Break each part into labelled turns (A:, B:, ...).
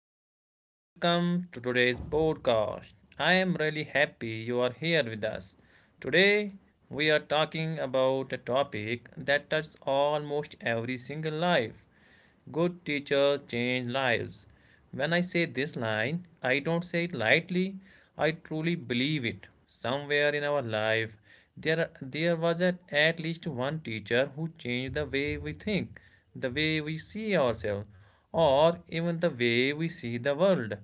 A: everyone, welcome to today's podcast. I am really happy you are here with us. Today we are talking about a topic that touches almost every single life. Good teachers change lives. When I say this line, I don't say it lightly. I truly believe it. Somewhere in our life, there was at least one teacher who changed the way we think, the way we see ourselves, or even the way we see the world.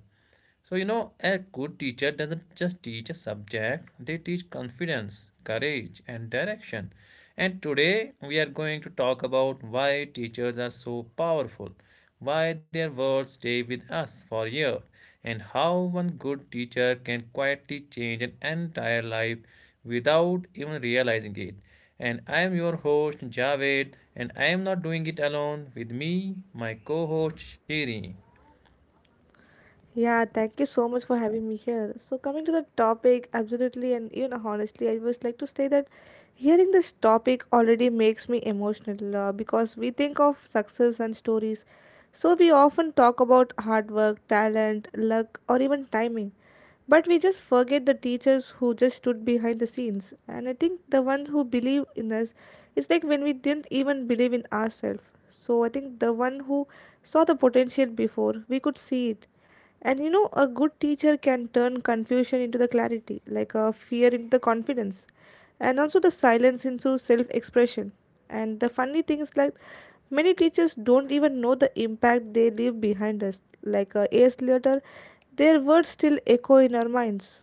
A: So, a good teacher doesn't just teach a subject, they teach confidence, courage, and direction. And today we are going to talk about why teachers are so powerful, why their words stay with us for years, and how one good teacher can quietly change an entire life without even realizing it. And I am your host Javed, and I am not doing it alone. With me, my co host Shiri.
B: Yeah, thank you so much for having me here. So, coming to the topic, absolutely and even honestly, I was like to say that hearing this topic already makes me emotional because we think of success and stories. So, we often talk about hard work, talent, luck, or even timing. But we just forget the teachers who just stood behind the scenes. And I think the ones who believe in us, it's like when we didn't even believe in ourselves. So, I think the one who saw the potential before, we could see it and you know, a good teacher can turn confusion into the clarity, like a fear into the confidence, and also the silence into self expression. And the funny thing is, like, many teachers don't even know the impact they leave behind us. Like, years later, their words still echo in our minds.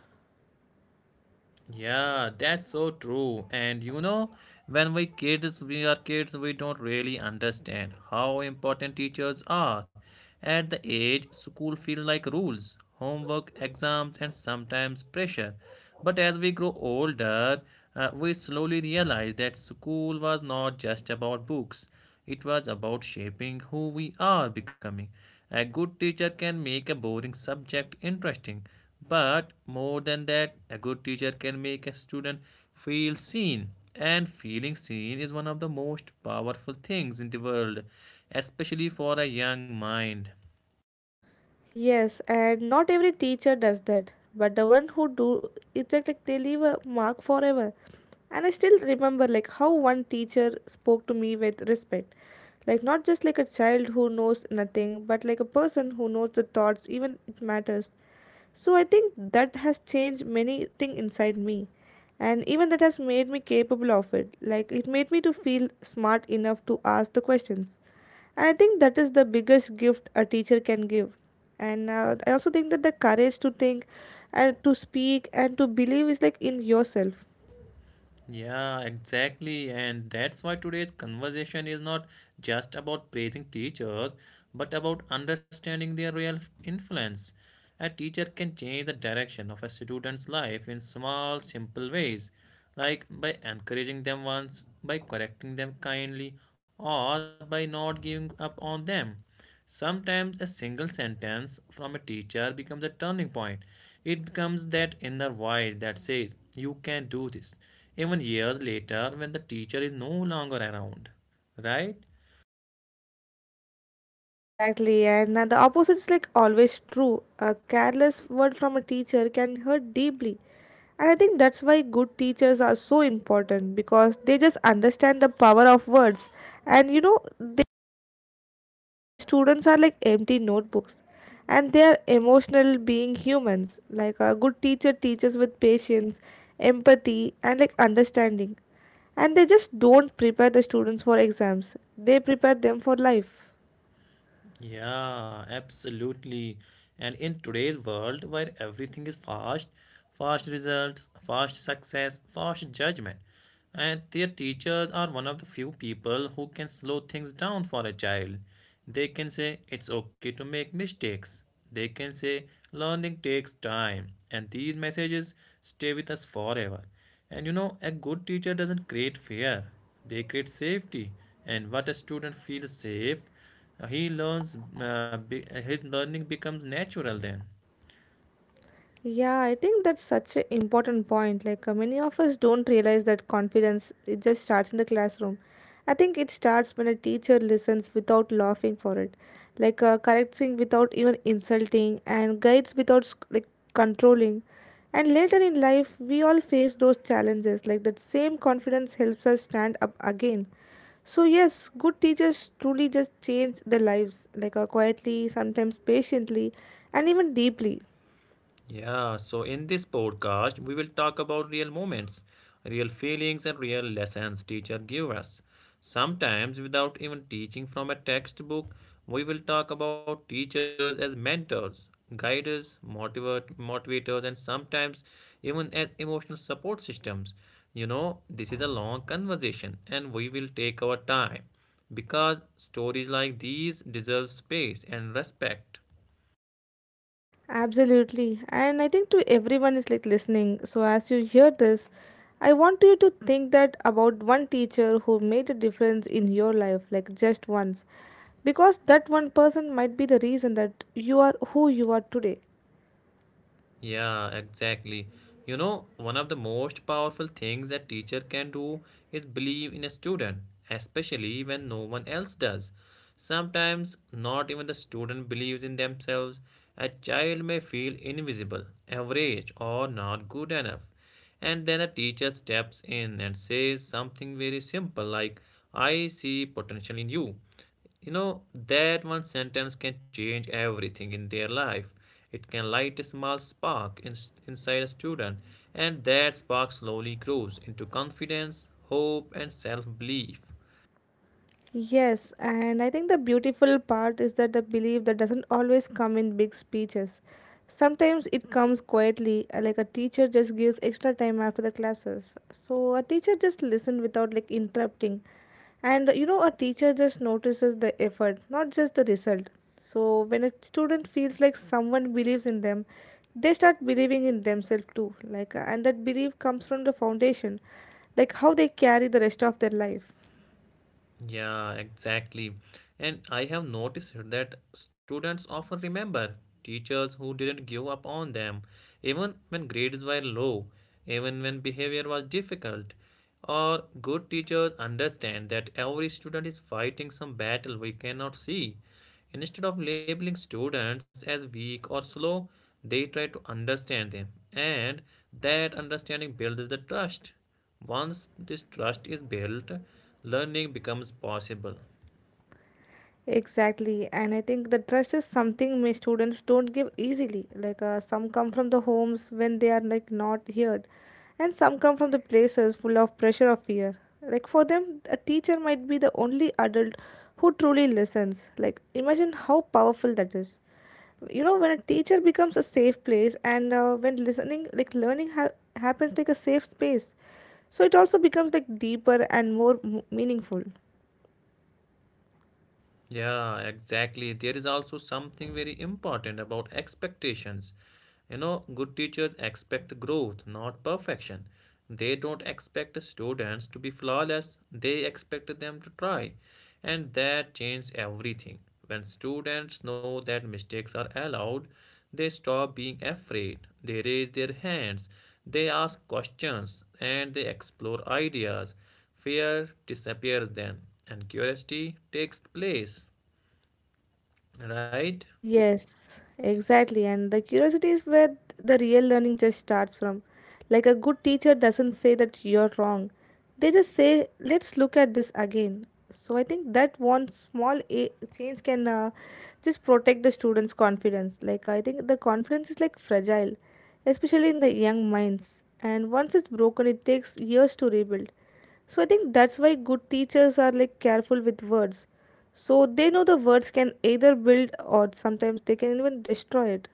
A: Yeah, that's so true. And when we are kids, we don't really understand how important teachers are. At the age, school feels like rules, homework, exams, and sometimes pressure. But as we grow older, we slowly realize that school was not just about books. It was about shaping who we are becoming. A good teacher can make a boring subject interesting, but more than that, a good teacher can make a student feel seen. And feeling seen is one of the most powerful things in the world, especially for a young mind.
B: Yes, and not every teacher does that, but the one who do, it's like they leave a mark forever. And I still remember like how one teacher spoke to me with respect. Like not just like a child who knows nothing, but like a person who knows the thoughts even it matters. So I think that has changed many thing inside me. And even that has made me capable of it. Like it made me to feel smart enough to ask the questions. And I think that is the biggest gift a teacher can give. And I also think that the courage to think and to speak and to believe is like in yourself.
A: Yeah, exactly. And that's why today's conversation is not just about praising teachers, but about understanding their real influence. A teacher can change the direction of a student's life in small, simple ways, like by encouraging them once, by correcting them kindly, or by not giving up on them. Sometimes a single sentence from a teacher becomes a turning point. It becomes that inner voice that says, "You can do this," even years later when the teacher is no longer around. Right?
B: Exactly, and the opposite is like always true. A careless word from a teacher can hurt deeply. And I think that's why good teachers are so important because they just understand the power of words. And you know, the students are like empty notebooks and they are emotional being humans like a good teacher teaches with patience empathy and like understanding and they just don't prepare the students for exams, they prepare them for life.
A: Yeah, absolutely. And in today's world where everything is fast, fast results, fast success, fast judgment, and their teachers are one of the few people who can slow things down for a child. They can say it's okay to make mistakes. They can say learning takes time, and these messages stay with us forever. And a good teacher doesn't create fear, they create safety. And what a student feels safe, his learning becomes natural then.
B: Yeah, I think that's such an important point. Like, many of us don't realize that confidence it just starts in the classroom. I think it starts when a teacher listens without laughing for it, like correcting without even insulting, and guides without like controlling. And later in life, we all face those challenges. Like that same confidence helps us stand up again. So yes, good teachers truly just change their lives, like quietly, sometimes patiently, and even deeply.
A: Yeah, so in this podcast, we will talk about real moments, real feelings, and real lessons teacher give us. Sometimes, without even teaching from a textbook, we will talk about teachers as mentors, guiders, motivators, and sometimes even as emotional support systems. This is a long conversation, and we will take our time because stories like these deserve space and respect.
B: Absolutely. And I think to everyone is like listening. So as you hear this, I want you to think that about one teacher who made a difference in your life, like just once. Because that one person might be the reason that you are who you are today.
A: Yeah, exactly. One of the most powerful things a teacher can do is believe in a student, especially when no one else does. Sometimes, not even the student believes in themselves. A child may feel invisible, average, or not good enough. And then a teacher steps in and says something very simple like, "I see potential in you." That one sentence can change everything in their life. It can light a small spark inside a student, and that spark slowly grows into confidence, hope, and self belief.
B: Yes, and I think the beautiful part is that the belief that doesn't always come in big speeches. Sometimes it comes quietly, like a teacher just gives extra time after the classes. So a teacher just listens without like interrupting. And you know, a teacher just notices the effort, not just the result. So when a student feels like someone believes in them, they start believing in themselves too. Like, and that belief comes from the foundation, like how they carry the rest of their life.
A: Yeah, exactly. And I have noticed that students often remember teachers who didn't give up on them, even when grades were low, even when behavior was difficult. Or good teachers understand that every student is fighting some battle we cannot see. Instead of labeling students as weak or slow, they try to understand them, and that understanding builds the trust. Once this trust is built, learning becomes possible.
B: Exactly, and I think the trust is something many students don't give easily. Like some come from the homes when they are like not heard, and some come from the places full of pressure or fear. Like for them, a teacher might be the only adult who truly listens. Like imagine how powerful that is. You know, when a teacher becomes a safe place, and when listening, like learning happens like a safe space, so it also becomes like deeper and more meaningful.
A: Yeah, exactly. There is also something very important about expectations. Good teachers expect growth, not perfection. They don't expect students to be flawless, they expect them to try. And that changes everything. When students know that mistakes are allowed, they stop being afraid, they raise their hands, they ask questions, and they explore ideas. Fear disappears then, and curiosity takes place, right?
B: Yes, exactly. And the curiosity is where the real learning just starts from. Like a good teacher doesn't say that you're wrong. They just say, let's look at this again. So I think that one small change can just protect the students' confidence. Like I think the confidence is like fragile, especially in the young minds. And once it's broken, it takes years to rebuild. So I think that's why good teachers are like careful with words. So they know the words can either build or sometimes they can even destroy it.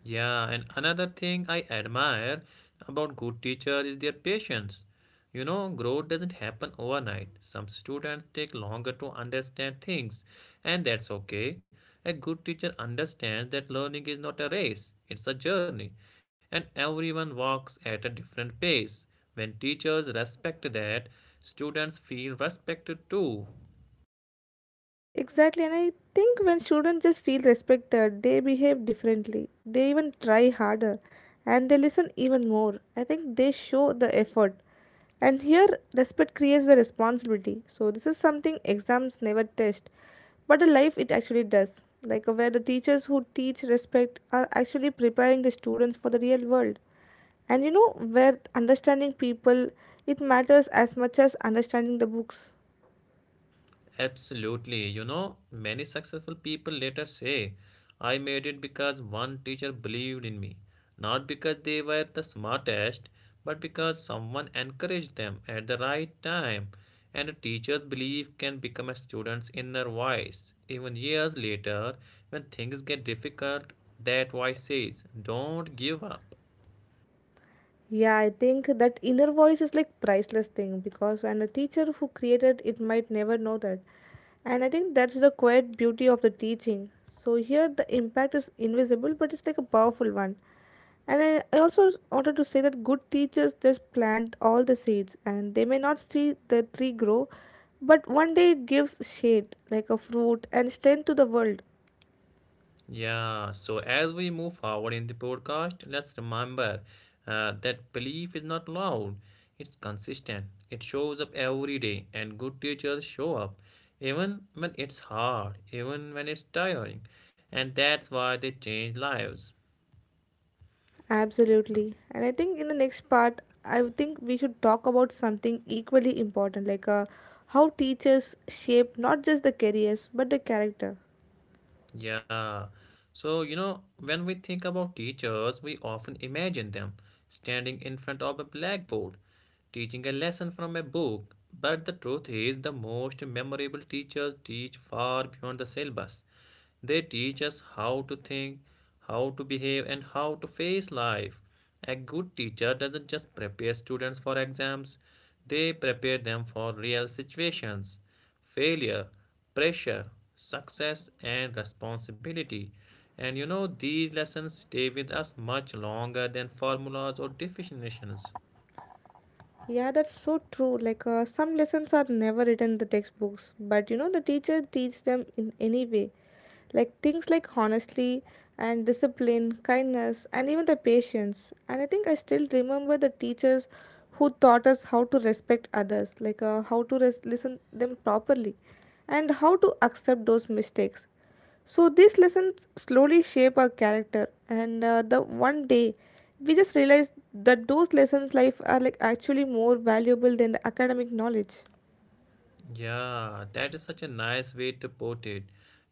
A: Yeah, and another thing I admire about good teachers is their patience. Growth doesn't happen overnight. Some students take longer to understand things, and that's okay. A good teacher understands that learning is not a race, it's a journey, and everyone walks at a different pace. When teachers respect that, students feel respected too.
B: Exactly, and I think when students just feel respected, they behave differently. They even try harder and they listen even more. I think they show the effort. And here, respect creates the responsibility. So this is something exams never test, but in life it actually does. Like where the teachers who teach respect are actually preparing the students for the real world. And you know where understanding people it matters as much as understanding the books.
A: Absolutely. Many successful people later say, "I made it because one teacher believed in me." Not because they were the smartest, but because someone encouraged them at the right time. And a teacher's belief can become a student's inner voice. Even years later, when things get difficult, that voice says, "Don't give up."
B: Yeah, I think that inner voice is like priceless thing because and a teacher who created it might never know that. And I think that's the quiet beauty of the teaching. So here the impact is invisible but it's like a powerful one. And I also wanted to say that good teachers just plant all the seeds and they may not see the tree grow, but one day it gives shade, like a fruit, and strength to the world.
A: Yeah, so as we move forward in the podcast, let's remember that belief is not loud, it's consistent. It shows up every day, and good teachers show up even when it's hard, even when it's tiring. And that's why they change lives.
B: Absolutely. And I think in the next part, I think we should talk about something equally important, like how teachers shape not just the careers but the character.
A: Yeah. So, when we think about teachers, we often imagine them standing in front of a blackboard, teaching a lesson from a book. But the truth is, the most memorable teachers teach far beyond the syllabus. They teach us how to think, how to behave, and how to face life. A good teacher doesn't just prepare students for exams, they prepare them for real situations, failure, pressure, success, and responsibility. And these lessons stay with us much longer than formulas or definitions.
B: Yeah, that's so true. Like some lessons are never written in the textbooks, but you know the teacher teach them in any way. Like things like honesty and discipline, kindness, and even the patience. And I think I still remember the teachers who taught us how to respect others, like how to listen them properly, and how to accept those mistakes. So these lessons slowly shape our character, and the one day we just realize that those lessons life are like actually more valuable than the academic knowledge.
A: Yeah, that is such a nice way to put it.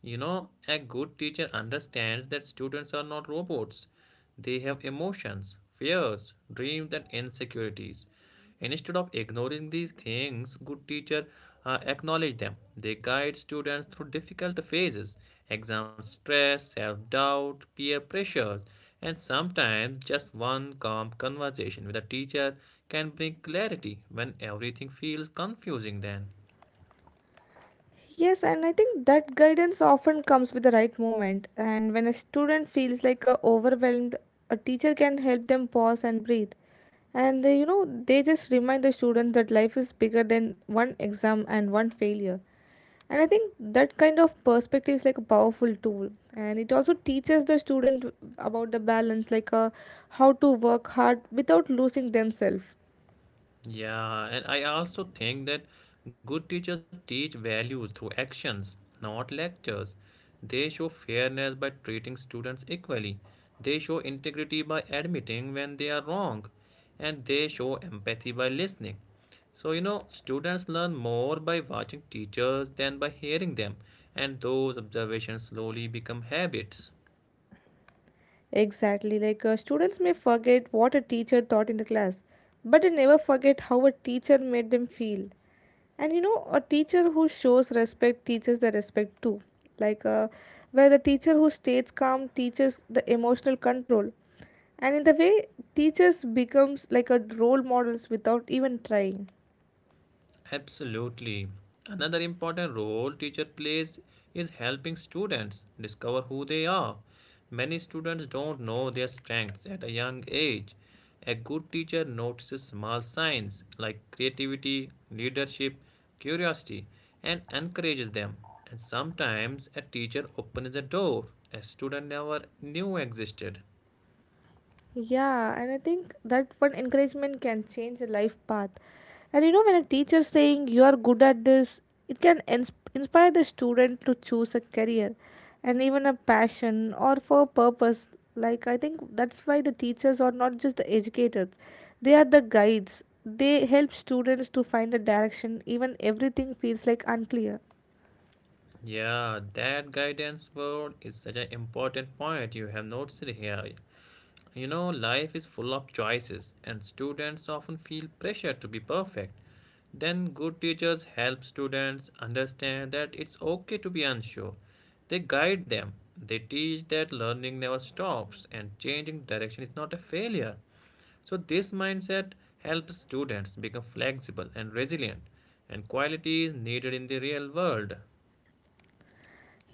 A: A good teacher understands that students are not robots. They have emotions, fears, dreams, and insecurities. Instead of ignoring these things, good teacher acknowledge them. They guide students through difficult phases, exam stress, self-doubt, peer pressures, and sometimes just one calm conversation with a teacher can bring clarity when everything feels confusing then.
B: Yes, and I think that guidance often comes with the right moment. And when a student feels like overwhelmed, a teacher can help them pause and breathe. And they, you know, they just remind the students that life is bigger than one exam and one failure. And I think that kind of perspective is like a powerful tool. And it also teaches the student about the balance, like how to work hard without losing themselves.
A: Yeah, and I also think that good teachers teach values through actions, not lectures. They show fairness by treating students equally. They show integrity by admitting when they are wrong. And they show empathy by listening. So, students learn more by watching teachers than by hearing them. And those observations slowly become habits.
B: Exactly, like students may forget what a teacher taught in the class, but they never forget how a teacher made them feel. And you know, a teacher who shows respect teaches the respect too. Like, where the teacher who stays calm teaches the emotional control. And in the way, teachers becomes like a role models without even trying.
A: Absolutely. Another important role teacher plays is helping students discover who they are. Many students don't know their strengths at a young age. A good teacher notices small signs like creativity, leadership, curiosity, and encourages them. And sometimes a teacher opens a door a student never knew existed.
B: Yeah, and I think that one encouragement can change a life path. And you know, when a teacher saying you are good at this, it can inspire the student to choose a career and even a passion or for a purpose. Like, I think that's why the teachers are not just the educators, they are the guides. They help students to find a direction, even everything feels like unclear.
A: Yeah, that guidance word is such an important point you have noticed here. Life is full of choices, and students often feel pressure to be perfect. Then, good teachers help students understand that it's okay to be unsure. They guide them. They teach that learning never stops and changing direction is not a failure. So, this mindset helps students become flexible and resilient, and qualities needed in the real world.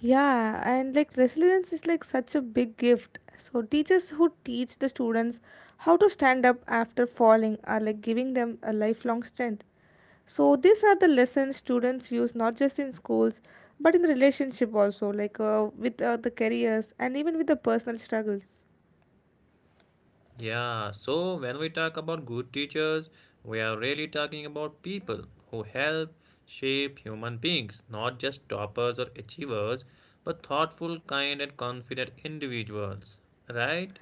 B: Yeah, and like resilience is like such a big gift. So teachers who teach the students how to stand up after falling are like giving them a lifelong strength. So these are the lessons students use not just in schools but in the relationship also like with the careers and even with the personal struggles.
A: Yeah, so when we talk about good teachers, we are really talking about people who help shape human beings, not just toppers or achievers, but thoughtful, kind, and confident individuals, right?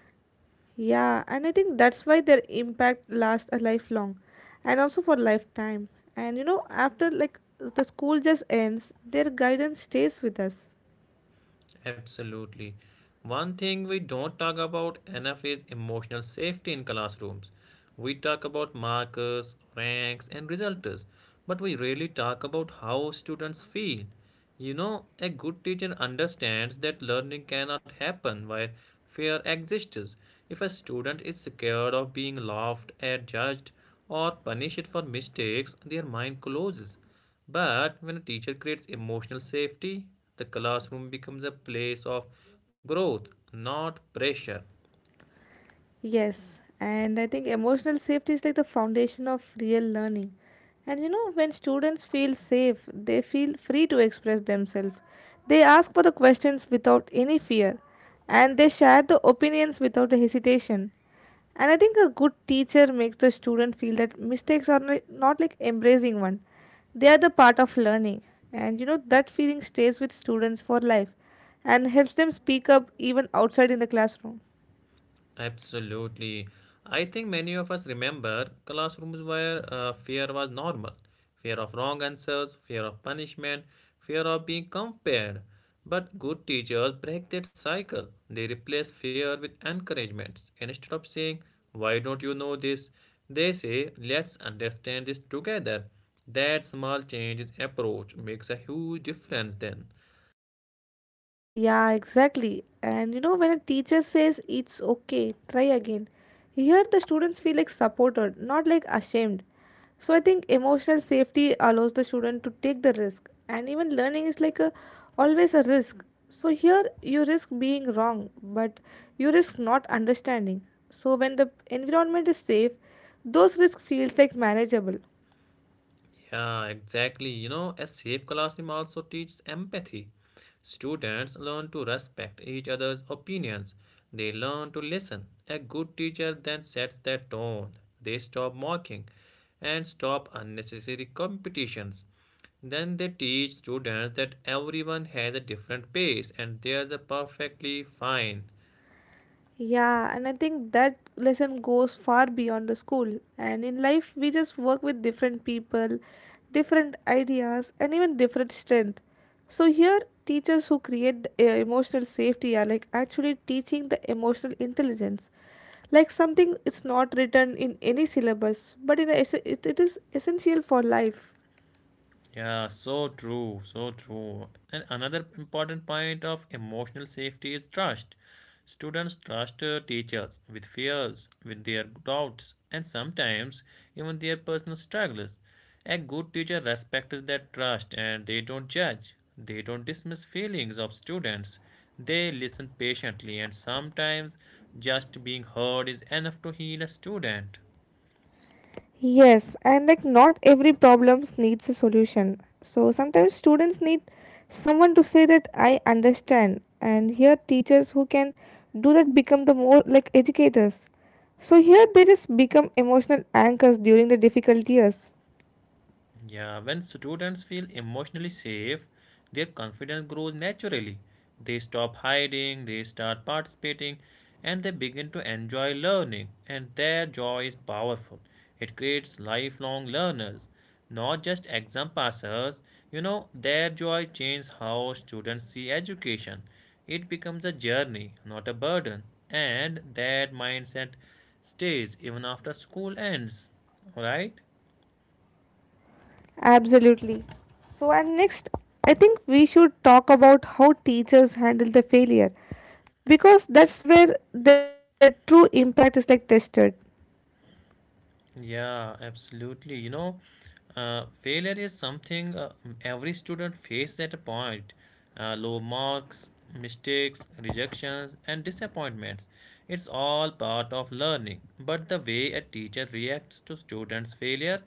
B: Yeah, and I think that's why their impact lasts a lifelong and also for lifetime. And you know, after like the school just ends, their guidance stays with us.
A: Absolutely. One thing we don't talk about enough is emotional safety in classrooms. We talk about markers, ranks, and results, but we rarely talk about how students feel. A good teacher understands that learning cannot happen where fear exists. If a student is scared of being laughed at, judged, or punished for mistakes, their mind closes. But when a teacher creates emotional safety, the classroom becomes a place of growth, not pressure.
B: Yes, and I think emotional safety is like the foundation of real learning. And you know, when students feel safe, they feel free to express themselves. They ask for the questions without any fear, and they share the opinions without a hesitation. And I think a good teacher makes the student feel that mistakes are not like embracing one. They are the part of learning. And you know, that feeling stays with students for life and helps them speak up even outside in the classroom.
A: Absolutely. I think many of us remember classrooms where fear was normal. Fear of wrong answers, fear of punishment, fear of being compared. But good teachers break that cycle. They replace fear with encouragements. Instead of saying, "Why don't you know this?" they say, "Let's understand this together." That small change in approach makes a huge difference then.
B: Yeah, exactly. And you know, when a teacher says it's okay, try again, here the students feel like supported, not like ashamed. So I think emotional safety allows the student to take the risk, and even learning is like a always a risk. So here you risk being wrong, but you risk not understanding. So when the environment is safe, those risks feels like manageable.
A: Yeah, exactly. A safe classroom also teaches empathy. Students learn to respect each other's opinions. They learn to listen. A good teacher then sets their tone. They stop mocking and stop unnecessary competitions. Then they teach students that everyone has a different pace and theirs are perfectly fine.
B: Yeah, and I think that lesson goes far beyond the school. And in life, we just work with different people, different ideas, and even different strength. So here, teachers who create emotional safety are like actually teaching the emotional intelligence, like something it's not written in any syllabus, but in the it is essential for life.
A: Yeah, so true, so true. And another important point of emotional safety is trust. Students trust teachers with fears, with their doubts, and sometimes even their personal struggles. A good teacher respects that trust and they don't judge. They don't dismiss feelings of students. They listen patiently, and sometimes just being heard is enough to heal a student.
B: Yes, and like not every problems needs a solution. So sometimes students need someone to say that I understand, and here teachers who can do that become the more like educators. So here they just become emotional anchors during the difficult years.
A: Yeah, when students feel emotionally safe, their confidence grows naturally. They stop hiding, they start participating, and they begin to enjoy learning. And their joy is powerful. It creates lifelong learners, not just exam passers. Their joy changes how students see education. It becomes a journey, not a burden. And that mindset stays even after school ends. Alright?
B: Absolutely. So and next, I think we should talk about how teachers handle the failure because that's where their true impact is like tested.
A: Yeah, absolutely. You know, failure is something every student faces at a point. Low marks, mistakes, rejections, and disappointments. It's all part of learning. But the way a teacher reacts to students' failure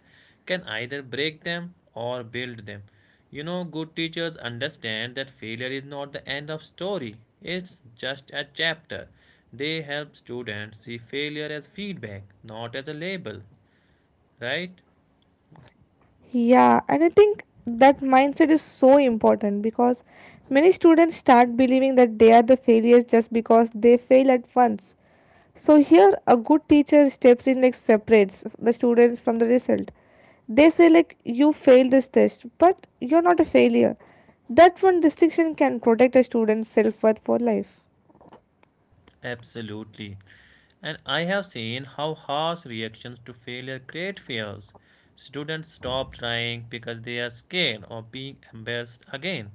A: can either break them or build them. You know, good teachers understand that failure is not the end of story. It's just a chapter. They help students see failure as feedback, not as a label, right?
B: Yeah, and I think that mindset is so important because many students start believing that they are the failures just because they fail at once. So here a good teacher steps in like separates the students from the result. They say like you failed this test, but you're not a failure. That one distinction can protect a student's self-worth for life.
A: Absolutely. And I have seen how harsh reactions to failure create fears. Students stop trying because they are scared of being embarrassed again.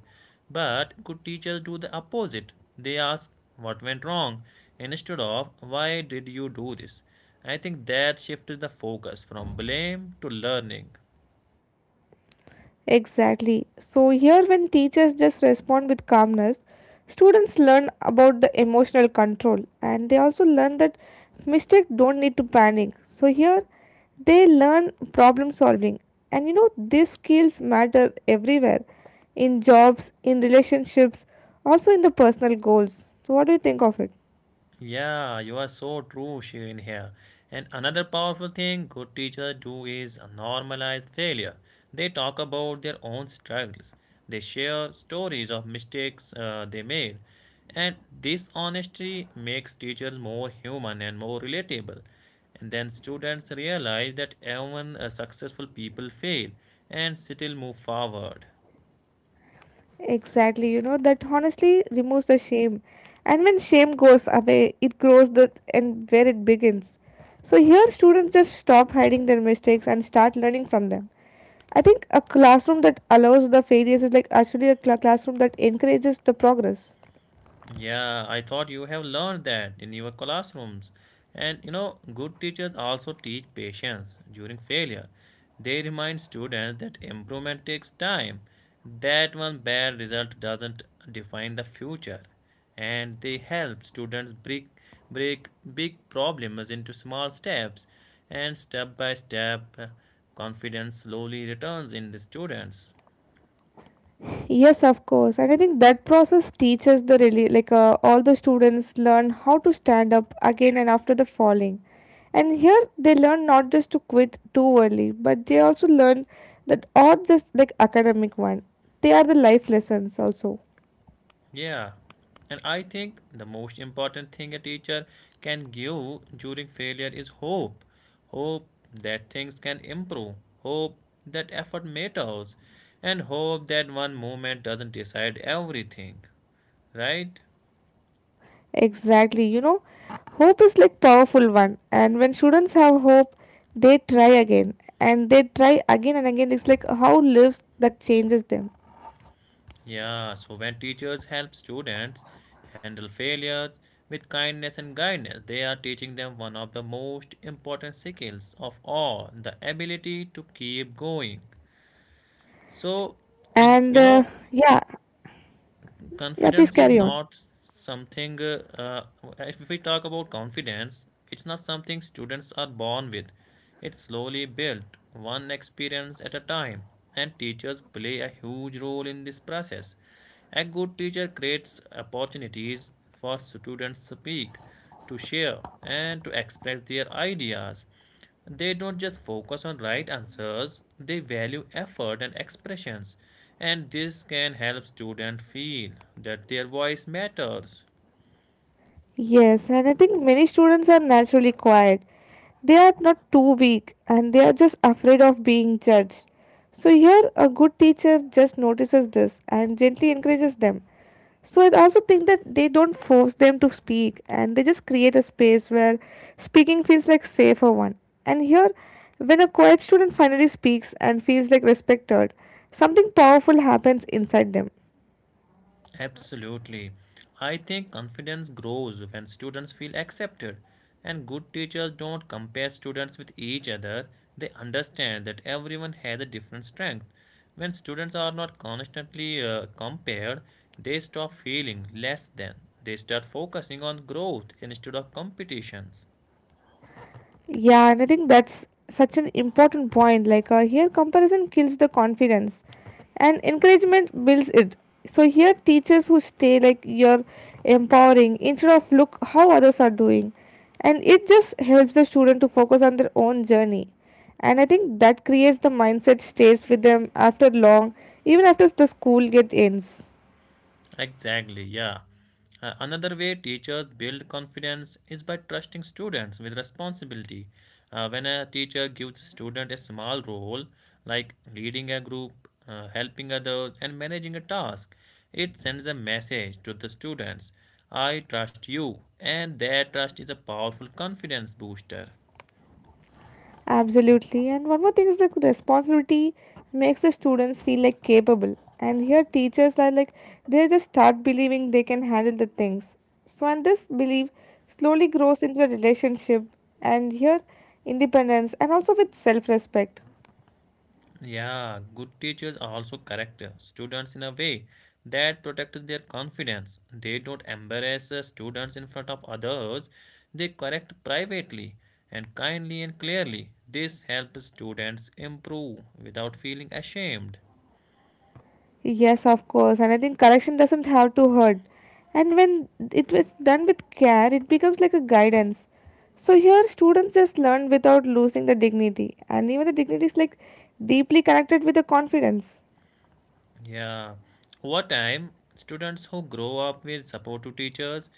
A: But good teachers do the opposite. They ask what went wrong instead of why did you do this? I think that shifts the focus from blame to learning.
B: Exactly. So, here when teachers just respond with calmness, students learn about the emotional control and they also learn that mistakes don't need to panic. So, here they learn problem solving, and you know, these skills matter everywhere in jobs, in relationships, also in the personal goals. So, what do you think of it?
A: Yeah, you are so true, Shirin here. And another powerful thing good teachers do is normalize failure. They talk about their own struggles. They share stories of mistakes they made. And this honesty makes teachers more human and more relatable. And then students realize that even successful people fail and still move forward.
B: Exactly, you know, that honestly removes the shame. And when shame goes away, it grows the and where it begins. So here students just stop hiding their mistakes and start learning from them. I think a classroom that allows the failures is like actually a classroom that encourages the progress.
A: Yeah, I thought you have learned that in your classrooms. And you know, good teachers also teach patience during failure. They remind students that improvement takes time, that one bad result doesn't define the future. And they help students break big problems into small steps. And step by step, confidence slowly returns in the students.
B: Yes, of course. And I think that process teaches the really like all the students learn how to stand up again and after the falling. And here they learn not just to quit too early, but they also learn that all just like academic one. They are the life lessons also.
A: Yeah, and I think the most important thing a teacher can give during failure is hope. Hope that things can improve, hope that effort matters, and hope that one moment doesn't decide everything, right?
B: Exactly. You know, hope is like powerful one. And when students have hope, they try again and they try again and again. It's like how lives that changes them.
A: Yeah, so when teachers help students handle failures with kindness and guidance, they are teaching them one of the most important skills of all, the ability to keep going. So, you,
B: And
A: you know,
B: Yeah, yeah. Please
A: confidence is
B: carry on.
A: not something if we talk about confidence, it's not something students are born with. It's slowly built one experience at a time, and teachers play a huge role in this process. A good teacher creates opportunities for students to speak, to share, and to express their ideas. They don't just focus on right answers, they value effort and expressions. And this can help students feel that their voice matters.
B: Yes, and I think many students are naturally quiet. They are not too weak and they are just afraid of being judged. So, here a good teacher just notices this and gently encourages them. So, I also think that they don't force them to speak and they just create a space where speaking feels like safer one. And here, when a quiet student finally speaks and feels like respected, something powerful happens inside them.
A: Absolutely. I think confidence grows when students feel accepted, and good teachers don't compare students with each other. They understand that everyone has a different strength. When students are not constantly compared, they stop feeling less than. They start focusing on growth instead of competitions.
B: Yeah, and I think that's such an important point. Like here, comparison kills the confidence, and encouragement builds it. So here, teachers who stay like you're empowering instead of look how others are doing, and it just helps the student to focus on their own journey. And I think that creates the mindset stays with them after long, even after the school get ends.
A: Exactly, yeah. Another way teachers build confidence is by trusting students with responsibility. When a teacher gives student a small role, like leading a group, helping others, and managing a task, it sends a message to the students, I trust you, and that trust is a powerful confidence booster.
B: Absolutely. And one more thing is the responsibility makes the students feel like capable. And here teachers are like they just start believing they can handle the things. So and this belief slowly grows into a relationship and here independence and also with self-respect.
A: Yeah, good teachers also correct students in a way that protects their confidence. They don't embarrass students in front of others. They correct privately and kindly and clearly. This helps students improve without feeling ashamed.
B: Yes, of course, and I think correction doesn't have to hurt. And when it was done with care, it becomes like a guidance. So here, students just learn without losing the dignity, and even the dignity is like deeply connected with the confidence.
A: Yeah. Over time, students who grow up with supportive teachers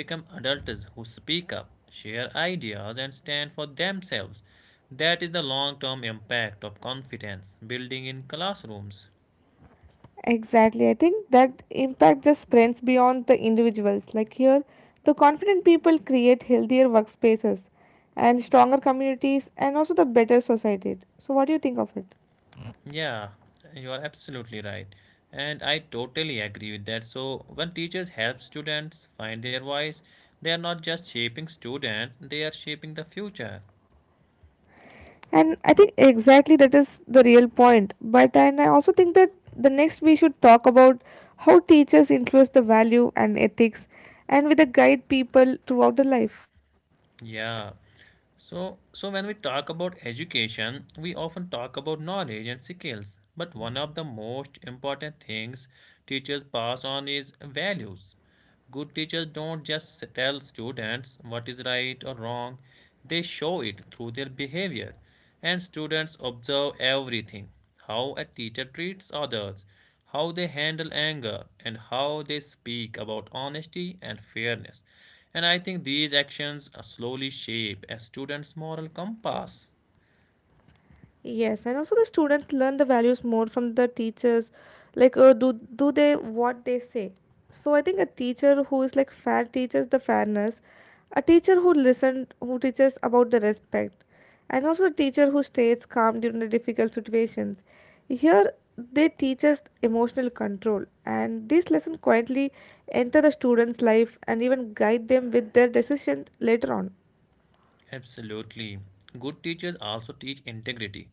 A: become adults who speak up, share ideas, and stand for themselves. That is the long term impact of confidence building in classrooms.
B: Exactly, I think that impact just spreads beyond the individuals. Like here, the confident people create healthier workspaces and stronger communities, and also the better society. So, what do you think of it?
A: Yeah, you are absolutely right. And I totally agree with that. So, when teachers help students find their voice, they are not just shaping students, they are shaping the future.
B: And I think exactly that is the real point. But and I also think that the next we should talk about how teachers influence the value and ethics and with the guide people throughout the life.
A: Yeah. So when we talk about education, we often talk about knowledge and skills. But one of the most important things teachers pass on is values. Good teachers don't just tell students what is right or wrong, they show it through their behavior, and students observe everything: how a teacher treats others, how they handle anger, and how they speak about honesty and fairness. And I think these actions slowly shape a student's moral compass.
B: Yes, and also the students learn the values more from the teachers, like do they what they say. So I think a teacher who is like fair teaches the fairness, a teacher who listens, who teaches about the respect, and also a teacher who stays calm during the difficult situations. Here they teach us emotional control, and this lesson quietly enter the students' life and even guide them with their decision later on.
A: Absolutely. Good teachers also teach integrity.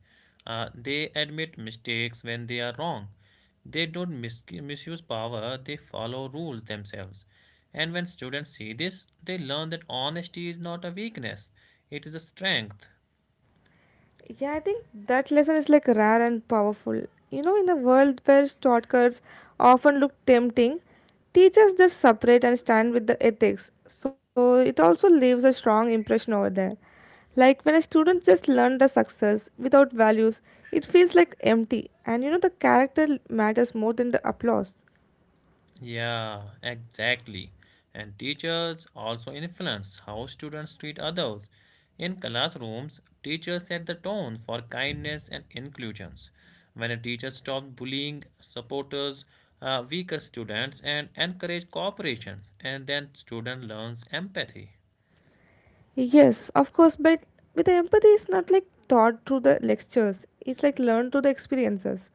A: They admit mistakes when they are wrong. They don't misuse power, they follow rules themselves. And when students see this, they learn that honesty is not a weakness, it is a strength.
B: Yeah, I think that lesson is like rare and powerful. You know, in a world where shortcuts often look tempting, teachers just separate and stand with the ethics. So it also leaves a strong impression over there. Like when a student just learn the success without values, it feels like empty. And you know, the character matters more than the applause.
A: Yeah, exactly. And teachers also influence how students treat others. In classrooms, teachers set the tone for kindness and inclusions. When a teacher stops bullying, supporters weaker students and encourage cooperation, and then student learns empathy.
B: Yes, of course, but with the empathy, it's not like taught through the lectures. It's like learned through the experiences.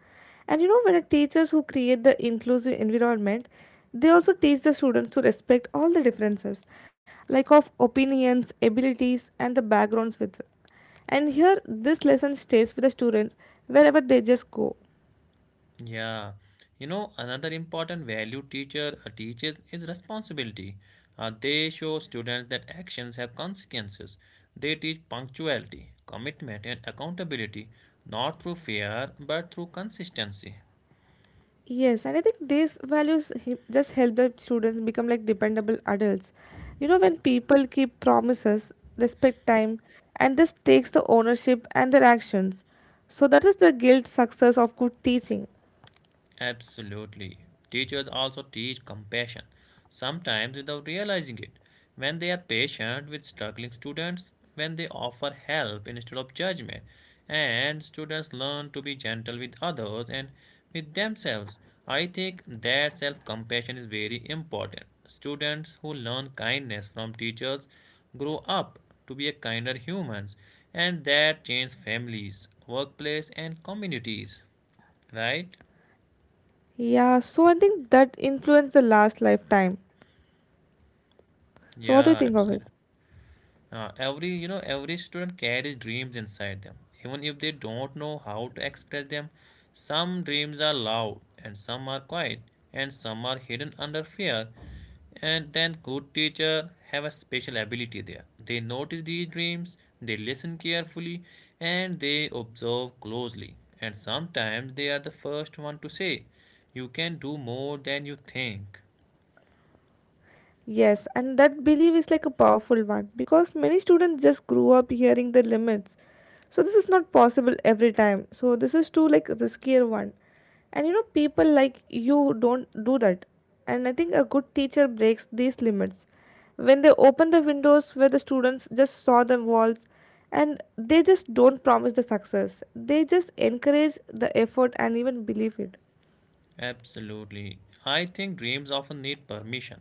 B: And you know, when the teachers who create the inclusive environment, they also teach the students to respect all the differences, like of opinions, abilities, and the backgrounds with. And here, this lesson stays with the student wherever they just go.
A: Yeah, you know, another important value teacher teaches is responsibility. They show students that actions have consequences. They teach punctuality, commitment, and accountability, not through fear but through consistency.
B: Yes, and I think these values just help the students become like dependable adults. You know, when people keep promises, respect time, and this takes the ownership and their actions. So that is the guilt success of good teaching.
A: Absolutely. Teachers also teach compassion, sometimes without realizing it. When they are patient with struggling students, when they offer help instead of judgment, and students learn to be gentle with others and with themselves. I think that self compassion is very important. Students who learn kindness from teachers grow up to be a kinder humans, and that changes families, workplace, and communities. Right?
B: Yeah, so I think that influenced the last lifetime. So what do you
A: Yeah,
B: think of
A: absolutely.
B: it?
A: Every you know every student carries dreams inside them, even if they don't know how to express them. Some dreams are loud, and some are quiet, and some are hidden under fear. And then good teacher have a special ability there. They notice these dreams, they listen carefully, and they observe closely. And sometimes they are the first one to say, "You can do more than you think."
B: Yes, and that belief is like a powerful one because many students just grew up hearing the limits. So this is not possible every time. So this is too like riskier one. And you know people like you don't do that. And I think a good teacher breaks these limits. When they open the windows where the students just saw the walls and they just don't promise the success. They just encourage the effort and even believe it.
A: Absolutely. I think dreams often need permission.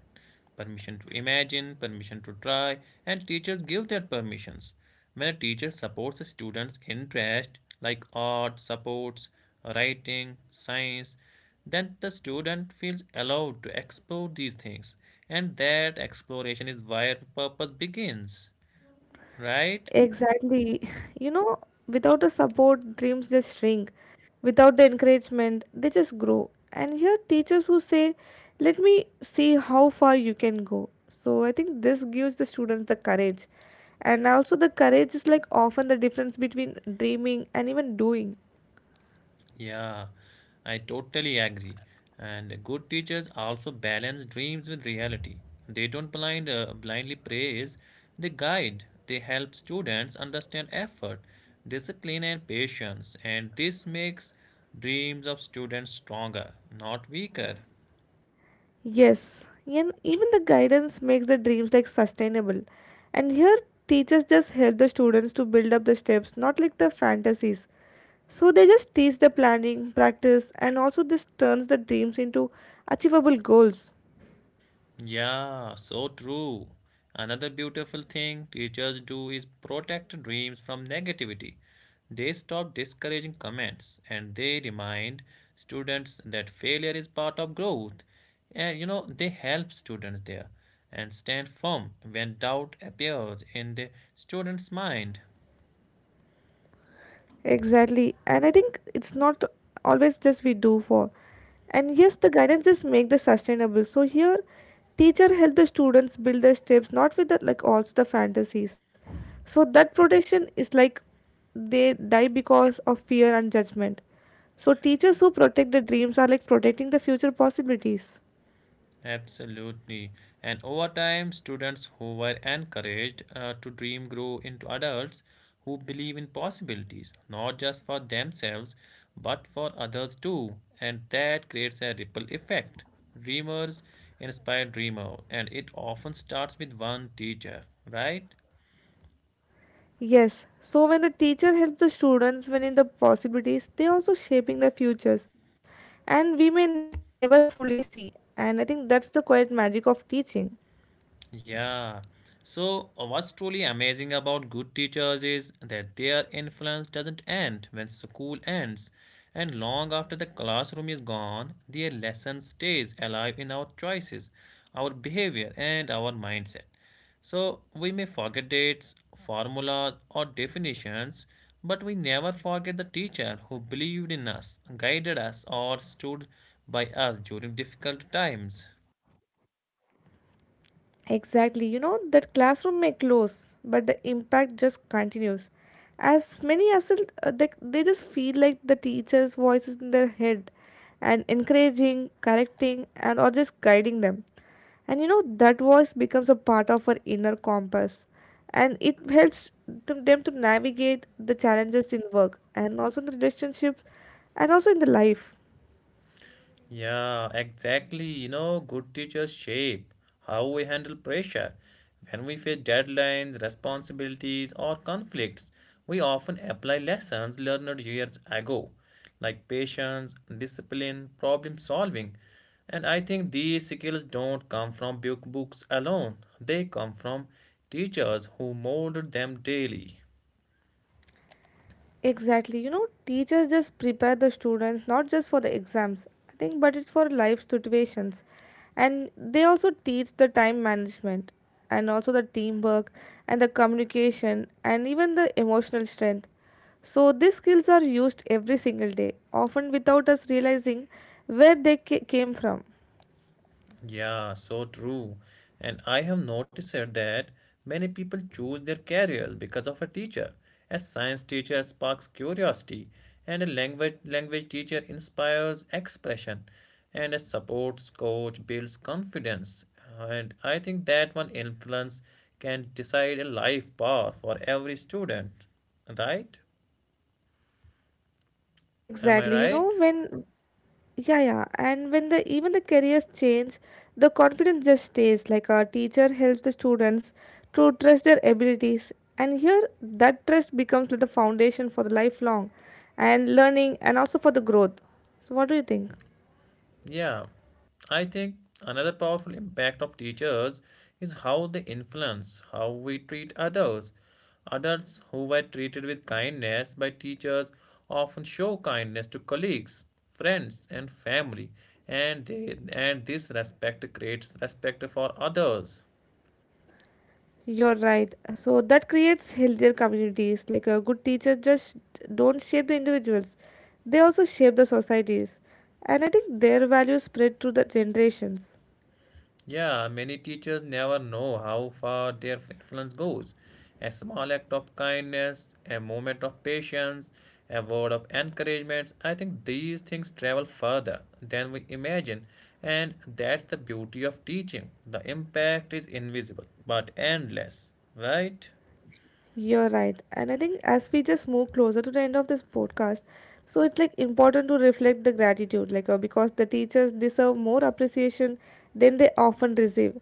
A: Permission to imagine, permission to try, and teachers give that permissions. When a teacher supports a student's interest, like art, supports writing, science, then the student feels allowed to explore these things. And that exploration is where purpose begins, right?
B: Exactly. You know, without the support, dreams just shrink. Without the encouragement, they just grow. And here, teachers who say, let me see how far you can go. So I think this gives the students the courage. And also, the courage is like often the difference between dreaming and even doing.
A: Yeah, I totally agree. And good teachers also balance dreams with reality. They don't blindly praise, they guide, they help students understand effort, discipline, and patience. And this makes dreams of students stronger, not weaker.
B: Yes, and even the guidance makes the dreams like sustainable. And here, teachers just help the students to build up the steps, not like the fantasies. So they just teach the planning, practice, and also this turns the dreams into achievable goals.
A: Yeah, so true. Another beautiful thing teachers do is protect dreams from negativity. They stop discouraging comments and they remind students that failure is part of growth. And you know, they help students there and stand firm when doubt appears in the student's mind.
B: Exactly. And I think it's not always just we do for. And yes, the guidance just make the sustainable. So here teacher help the students build their steps not with the like also the fantasies. So that protection is like they die because of fear and judgment. So teachers who protect the dreams are like protecting the future possibilities.
A: Absolutely. And over time, students who were encouraged to dream grow into adults who believe in possibilities, not just for themselves, but for others too. And that creates a ripple effect. Dreamers inspire dreamer, and it often starts with one teacher, right?
B: Yes, so when the teacher helps the students when in the possibilities, they also shaping their futures and we may never fully see. And I think that's the quiet magic of teaching.
A: Yeah. So, what's truly amazing about good teachers is that their influence doesn't end when school ends, and long after the classroom is gone, their lesson stays alive in our choices, our behavior, and our mindset. So, we may forget dates, formulas, or definitions, but we never forget the teacher who believed in us, guided us, or stood by us during difficult times.
B: Exactly, you know, that classroom may close, but the impact just continues. As many as they just feel like the teacher's voice is in their head and encouraging, correcting, and or just guiding them. And you know that voice becomes a part of our inner compass and it helps them to navigate the challenges in work and also in the relationships and also in the life.
A: Yeah, exactly. You know, good teachers shape how we handle pressure. When we face deadlines, responsibilities, or conflicts, we often apply lessons learned years ago, like patience, discipline, problem solving. And I think these skills don't come from books alone, they come from teachers who molded them daily.
B: Exactly, you know teachers just prepare the students not just for the exams I think but it's for life situations and they also teach the time management and also the teamwork and the communication and even the emotional strength. So these skills are used every single day, often without us realizing where they came from.
A: Yeah, so true. And I have noticed that many people choose their careers because of a teacher. A science teacher sparks curiosity, and a language teacher inspires expression, and a sports coach builds confidence. And I think that one influence can decide a life path for every student. Right? Am I
B: Exactly, you know
A: right?
B: when yeah, yeah, and when the even the careers change, the confidence just stays like our teacher helps the students to trust their abilities and here that trust becomes like the foundation for the lifelong and learning and also for the growth. So what do you think?
A: Yeah, I think another powerful impact of teachers is how they influence how we treat others. Adults who were treated with kindness by teachers often show kindness to colleagues, friends, and family, and they and this respect creates respect for others.
B: You're right. So that creates healthier communities. Like a good teachers just don't shape the individuals. They also shape the societies. And I think their values spread through the generations.
A: Yeah, many teachers never know how far their influence goes. A small act of kindness, a moment of patience, a word of encouragement, I think these things travel further than we imagine. And that's the beauty of teaching. The impact is invisible but endless, right?
B: You're right. And I think as we just move closer to the end of this podcast, so it's like important to reflect the gratitude, like because the teachers deserve more appreciation than they often receive.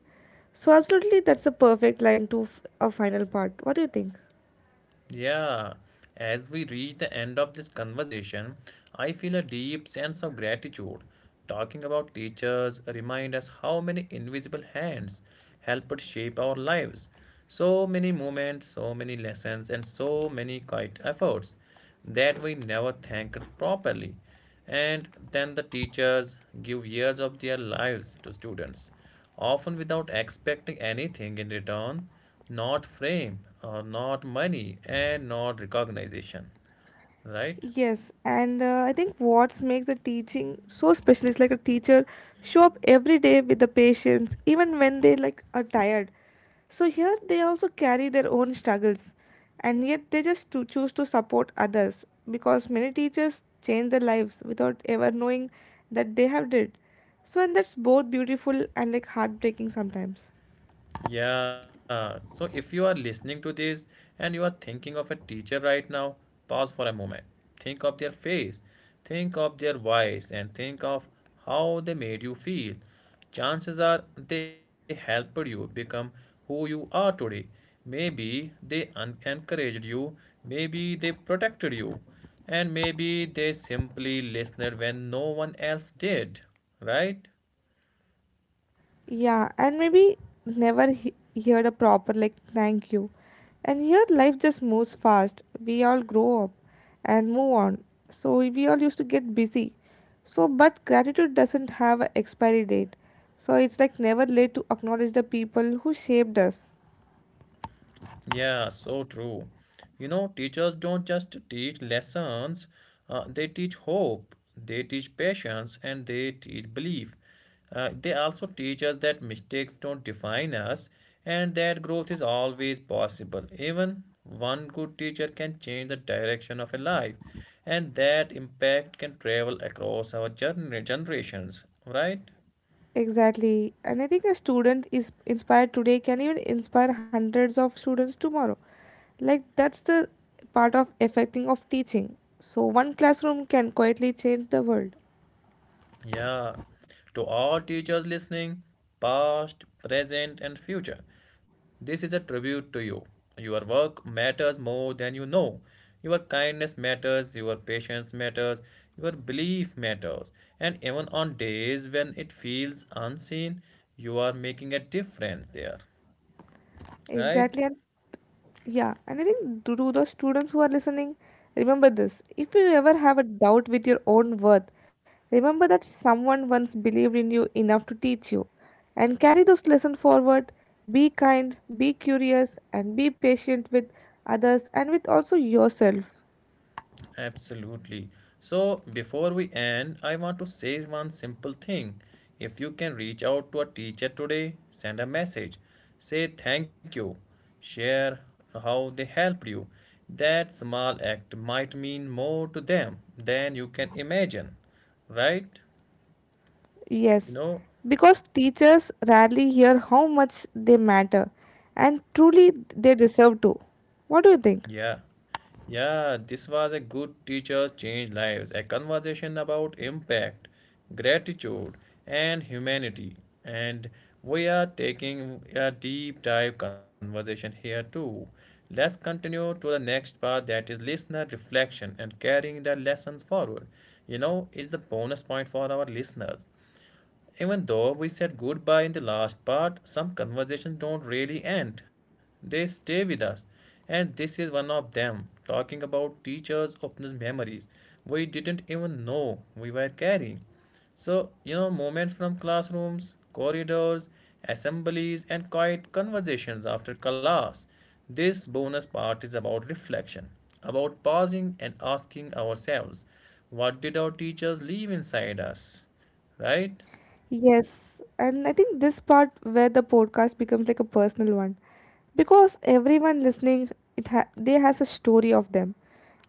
B: So absolutely that's a perfect line to a final part. What do you think?
A: Yeah, as we reach the end of this conversation, I feel a deep sense of gratitude. Talking about teachers remind us how many invisible hands help us shape our lives. So many moments, so many lessons, and so many quiet efforts that we never thanked properly. And then the teachers give years of their lives to students often without expecting anything in return, not fame, or not money, and not recognition, right?
B: Yes, and I think what makes the teaching so special is like a teacher show up every day with the patients, even when they like are tired. So here they also carry their own struggles, and yet they just to choose to support others because many teachers change their lives without ever knowing that they have did. So and that's both beautiful and like heartbreaking sometimes.
A: Yeah, so if you are listening to this and you are thinking of a teacher right now, pause for a moment. Think of their face, think of their voice, and think of how they made you feel. Chances are they helped you become who you are today. Maybe they encouraged you, maybe they protected you, and maybe they simply listened when no one else did, right?
B: Yeah, and maybe never heard a proper like thank you. And here life just moves fast. We all grow up and move on. So we all used to get busy. So but gratitude doesn't have an expiry date. So it's like never late to acknowledge the people who shaped us.
A: Yeah, so true. You know, teachers don't just teach lessons, they teach hope, they teach patience, and they teach belief. They also teach us that mistakes don't define us and that growth is always possible. Even one good teacher can change the direction of a life, and that impact can travel across our generations, right?
B: Exactly. And I think a student is inspired today can even inspire hundreds of students tomorrow. Like that's the part of affecting of teaching. So one classroom can quietly change the world.
A: Yeah, to all teachers listening, past, present, and future, this is a tribute to you. Your work matters more than you know. Your kindness matters, your patience matters, your belief matters. And even on days when it feels unseen, you are making a difference there, right?
B: Exactly, and yeah, and I think to the students who are listening, remember this. If you ever have a doubt with your own worth, remember that someone once believed in you enough to teach you. And carry those lessons forward. Be kind, be curious, and be patient with others and with also yourself.
A: Absolutely. So, before we end, I want to say one simple thing. If you can reach out to a teacher today, send a message. Say thank you. Share how they helped you. That small act might mean more to them than you can imagine. Right? You
B: Yes,
A: know?
B: because teachers rarely hear how much they matter, and truly they deserve to. What do you think?
A: Yeah. Yeah, this was a good teacher changed lives, a conversation about impact, gratitude, and humanity. And we are taking a deep dive conversation here too. Let's continue to the next part that is listener reflection and carrying the lessons forward. You know, it's the bonus point for our listeners. Even though we said goodbye in the last part, some conversations don't really end. They stay with us. And this is one of them. Talking about teachers opens memories we didn't even know we were carrying. So, you know, moments from classrooms, corridors, assemblies, and quiet conversations after class. This bonus part is about reflection, about pausing and asking ourselves, what did our teachers leave inside us? Right?
B: Yes, and I think this part where the podcast becomes like a personal one because everyone listening they has a story of them.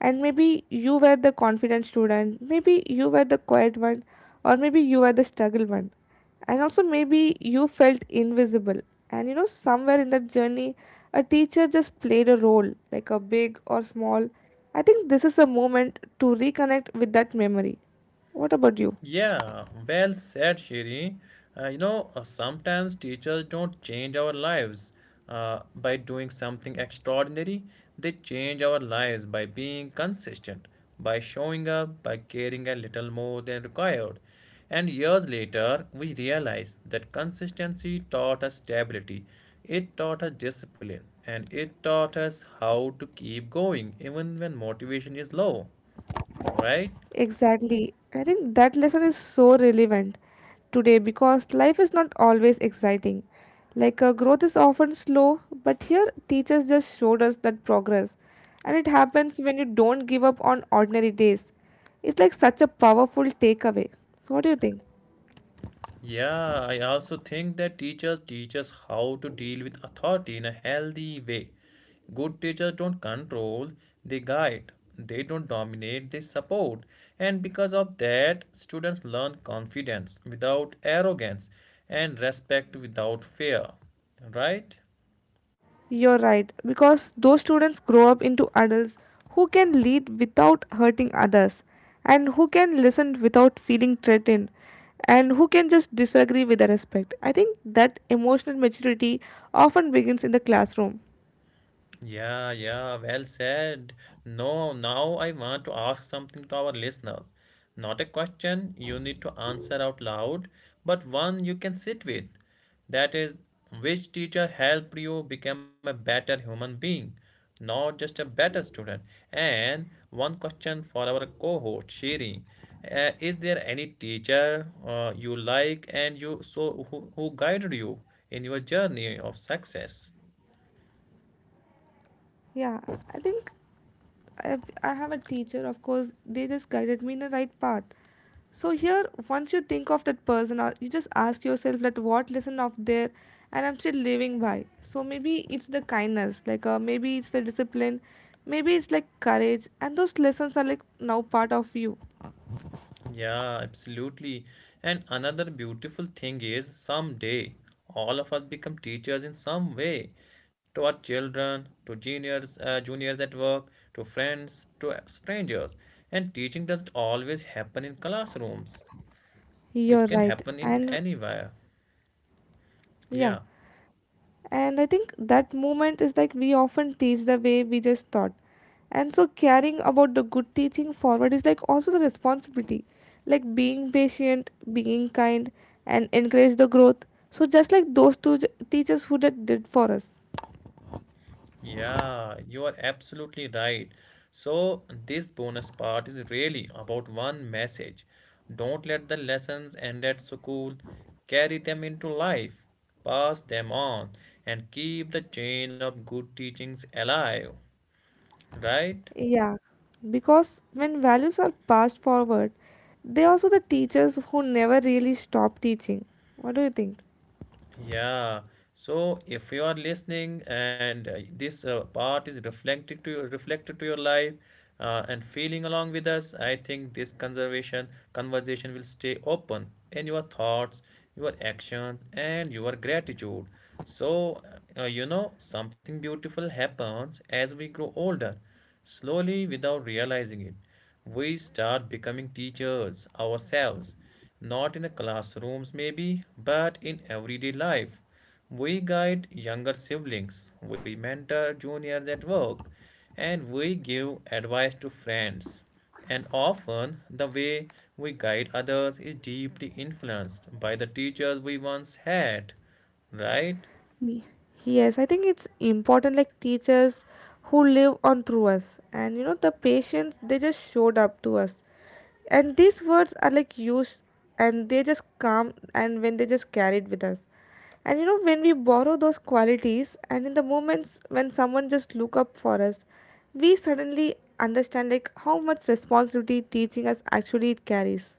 B: And maybe you were the confident student, maybe you were the quiet one, or maybe you were the struggle one. And also maybe you felt invisible. And you know somewhere in that journey a teacher just played a role, like a big or small. I think this is a moment to reconnect with that memory. What about you?
A: Yeah, well said, Shiri. You know, sometimes teachers don't change our lives by doing something extraordinary. They change our lives by being consistent, by showing up, by caring a little more than required. And years later, we realize that consistency taught us stability, it taught us discipline, and it taught us how to keep going even when motivation is low, right?
B: Exactly. I think that lesson is so relevant today because life is not always exciting. Like growth is often slow, but here teachers just showed us that progress. And it happens when you don't give up on ordinary days. It's like such a powerful takeaway. So, what do you think?
A: Yeah, I also think that teachers teach us how to deal with authority in a healthy way. Good teachers don't control, they guide, they don't dominate, they support. And because of that, students learn confidence without arrogance and respect without fear. Right?
B: You're right, because those students grow up into adults who can lead without hurting others, and who can listen without feeling threatened, and who can just disagree with the respect. I think that emotional maturity often begins in the classroom.
A: Yeah, yeah, well said. No, now I want to ask something to our listeners. Not a question you need to answer out loud, but one you can sit with. That is, which teacher helped you become a better human being, not just a better student? And one question for our cohort, Shiri. Is there any teacher you like and you so who guided you in your journey of success?
B: Yeah, I think I have a teacher, of course, they just guided me in the right path. So here, once you think of that person, or you just ask yourself that what lesson of there, and I'm still living by. So maybe it's the kindness, like maybe it's the discipline, maybe it's like courage, and those lessons are like now part of you.
A: Yeah, absolutely. And another beautiful thing is someday all of us become teachers in some way to our children, to juniors, juniors at work, to friends, to strangers. And teaching doesn't always happen in classrooms. It
B: You're
A: can
B: right,
A: happen in
B: and
A: anywhere.
B: yeah.
A: Yeah.
B: And I think that movement is like we often teach the way we just thought. And so caring about the good teaching forward is like also the responsibility, like being patient, being kind, and encourage the growth. So just like those two teachers who that did for us.
A: Yeah, you are absolutely right. So, this bonus part is really about one message. Don't let the lessons end at school, carry them into life, pass them on, and keep the chain of good teachings alive. Right?
B: Yeah, because when values are passed forward, they also the teachers who never really stop teaching. What do you think?
A: Yeah. So if you are listening and this part is reflected to your life and feeling along with us, I think this conservation conversation will stay open in your thoughts, your actions, and your gratitude. So you know something beautiful happens as we grow older. Slowly, without realizing it, we start becoming teachers ourselves, not in the classrooms maybe, but in everyday life. We guide younger siblings, we mentor juniors at work, and we give advice to friends. And often, the way we guide others is deeply influenced by the teachers we once had, right?
B: Yes, I think it's important like teachers who live on through us, and you know the patients they just showed up to us. And these words are like used, and they just come and when they just carried with us. And you know when we borrow those qualities and in the moments when someone just look up for us, we suddenly understand like how much responsibility teaching us actually it carries.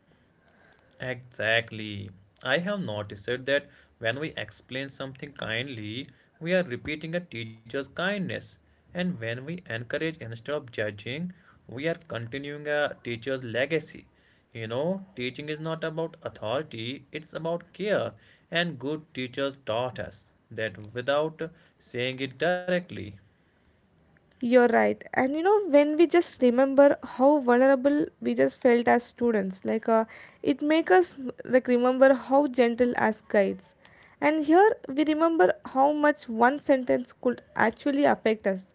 A: Exactly. I have noticed it that when we explain something kindly, we are repeating a teacher's kindness. And when we encourage instead of judging, we are continuing a teacher's legacy. You know, teaching is not about authority, it's about care. And good teachers taught us that without saying it directly.
B: You're right. And you know, when we just remember how vulnerable we just felt as students, like it make us like remember how gentle as guides. And here we remember how much one sentence could actually affect us.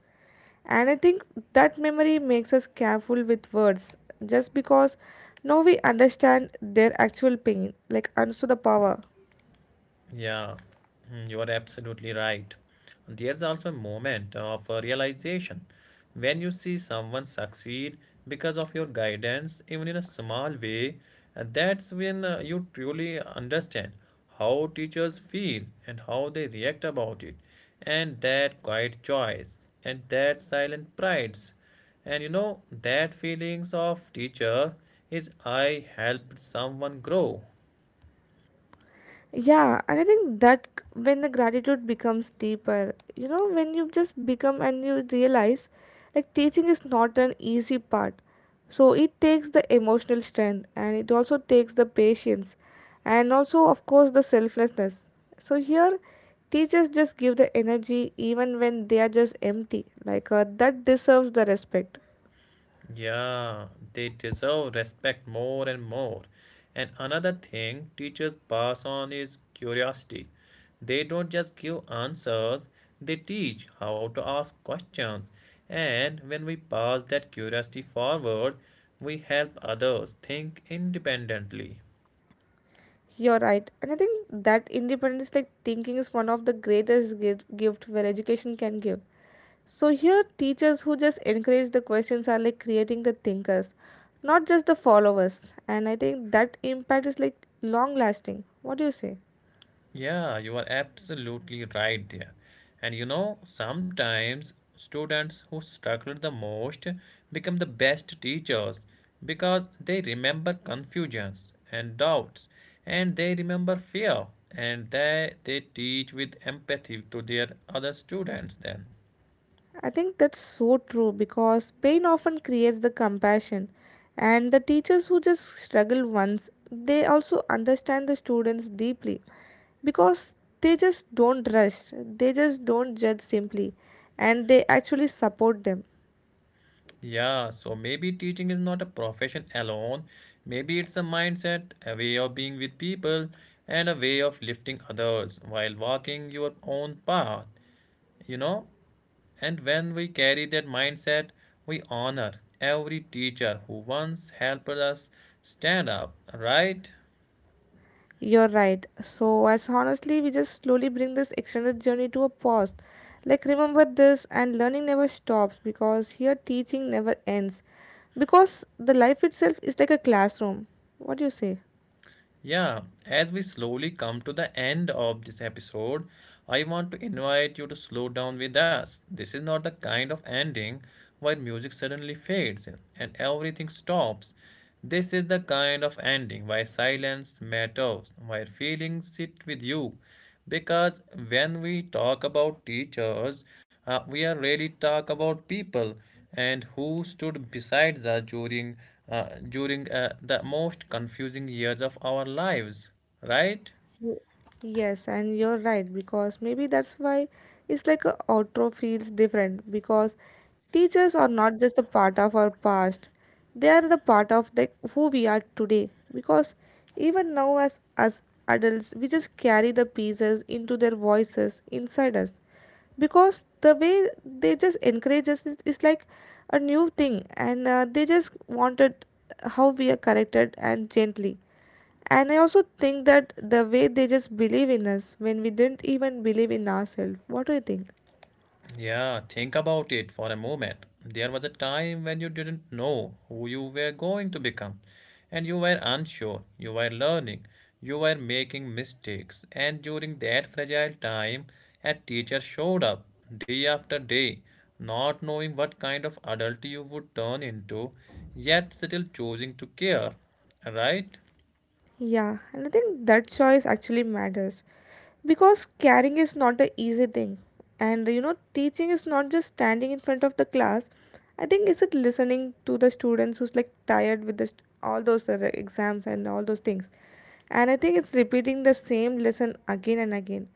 B: And I think that memory makes us careful with words just because now we understand their actual pain, like also the power.
A: Yeah, mm, you are absolutely right. There's also a moment of realization when you see someone succeed because of your guidance, even in a small way, and that's when you truly understand how teachers feel and how they react about it, and that quiet choice and that silent prides. And you know, that feelings of teacher is I helped someone grow.
B: Yeah, and I think when the gratitude becomes deeper, when you just become and you realize like teaching is not an easy part. So it takes the emotional strength, and it also takes the patience, and also of course the selflessness. So here teachers just give the energy even when they are just empty. Like that deserves the respect.
A: Yeah, they deserve respect more and more. And another thing teachers pass on is curiosity. They don't just give answers, they teach how to ask questions. And when we pass that curiosity forward, we help others think independently.
B: You're right. And I think that independence like thinking is one of the greatest gift where education can give. So here, teachers who just encourage the questions are like creating the thinkers, not just the followers. And I think that impact is like long lasting. What do you say?
A: Yeah, you are absolutely right there. And you know, sometimes students who struggle the most become the best teachers because they remember confusions and doubts and they remember fear and they teach with empathy to their other students then.
B: I think that's so true because pain often creates the compassion. And the teachers who just struggle once, they also understand the students deeply because they just don't rush, they just don't judge simply, and they actually support them.
A: Yeah, so maybe teaching is not a profession alone. Maybe it's a mindset, a way of being with people, and a way of lifting others while walking your own path. You know, and when we carry that mindset, we honor every teacher who once helped us stand up right.
B: You're right. So, as honestly, we just slowly bring this extended journey to a pause. Like, remember this, and learning never stops because here teaching never ends. Because the life itself is like a classroom. What do you say?
A: Yeah, as we slowly come to the end of this episode, I want to invite you to slow down with us. This is not the kind of ending where music suddenly fades in and everything stops. This is the kind of ending where silence matters, where feelings sit with you. Because when we talk about teachers, we are really talk about people and who stood beside us during the most confusing years of our lives, right?
B: Y- Yes, and you're right because maybe that's why it's like a outro feels different because teachers are not just a part of our past, they are the part of like who we are today because even now as adults we just carry the pieces into their voices inside us because the way they just encourage us is like a new thing, and they just wanted how we are corrected and gently. And I also think that the way they just believe in us when we didn't even believe in ourselves. What do you think?
A: Yeah, think about it for a moment. There was a time when you didn't know who you were going to become, and you were unsure, you were learning, you were making mistakes, and during that fragile time, a teacher showed up day after day, not knowing what kind of adult you would turn into, yet still choosing to care, right?
B: Yeah, and I think that choice actually matters because caring is not an easy thing. And you know, teaching is not just standing in front of the class. I think it's it listening to the students who's like tired with this, all those exams and all those things. And I think it's repeating the same lesson again and again.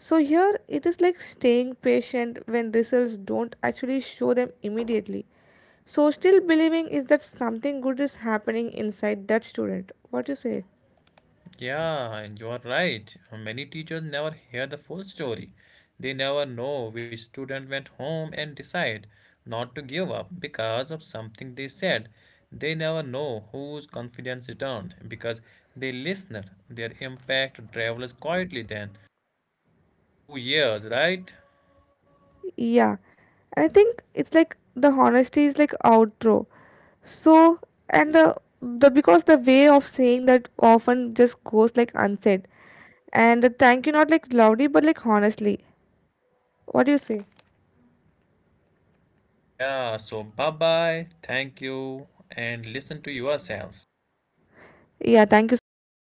B: So here it is like staying patient when results don't actually show them immediately. So still believing is that something good is happening inside that student. What do you say?
A: Yeah, and you are right. Many teachers never hear the full story. They never know which student went home and decide not to give up because of something they said. They never know whose confidence returned because they listened. Their impact travels quietly then through years, right?
B: Yeah. And I think it's like the honesty is like outro. So and the because the way of saying that often just goes like unsaid. And the thank you not like loudly but like honestly. What do you say?
A: Yeah, so bye bye, thank you, and listen to yourselves.
B: Yeah, thank you so much.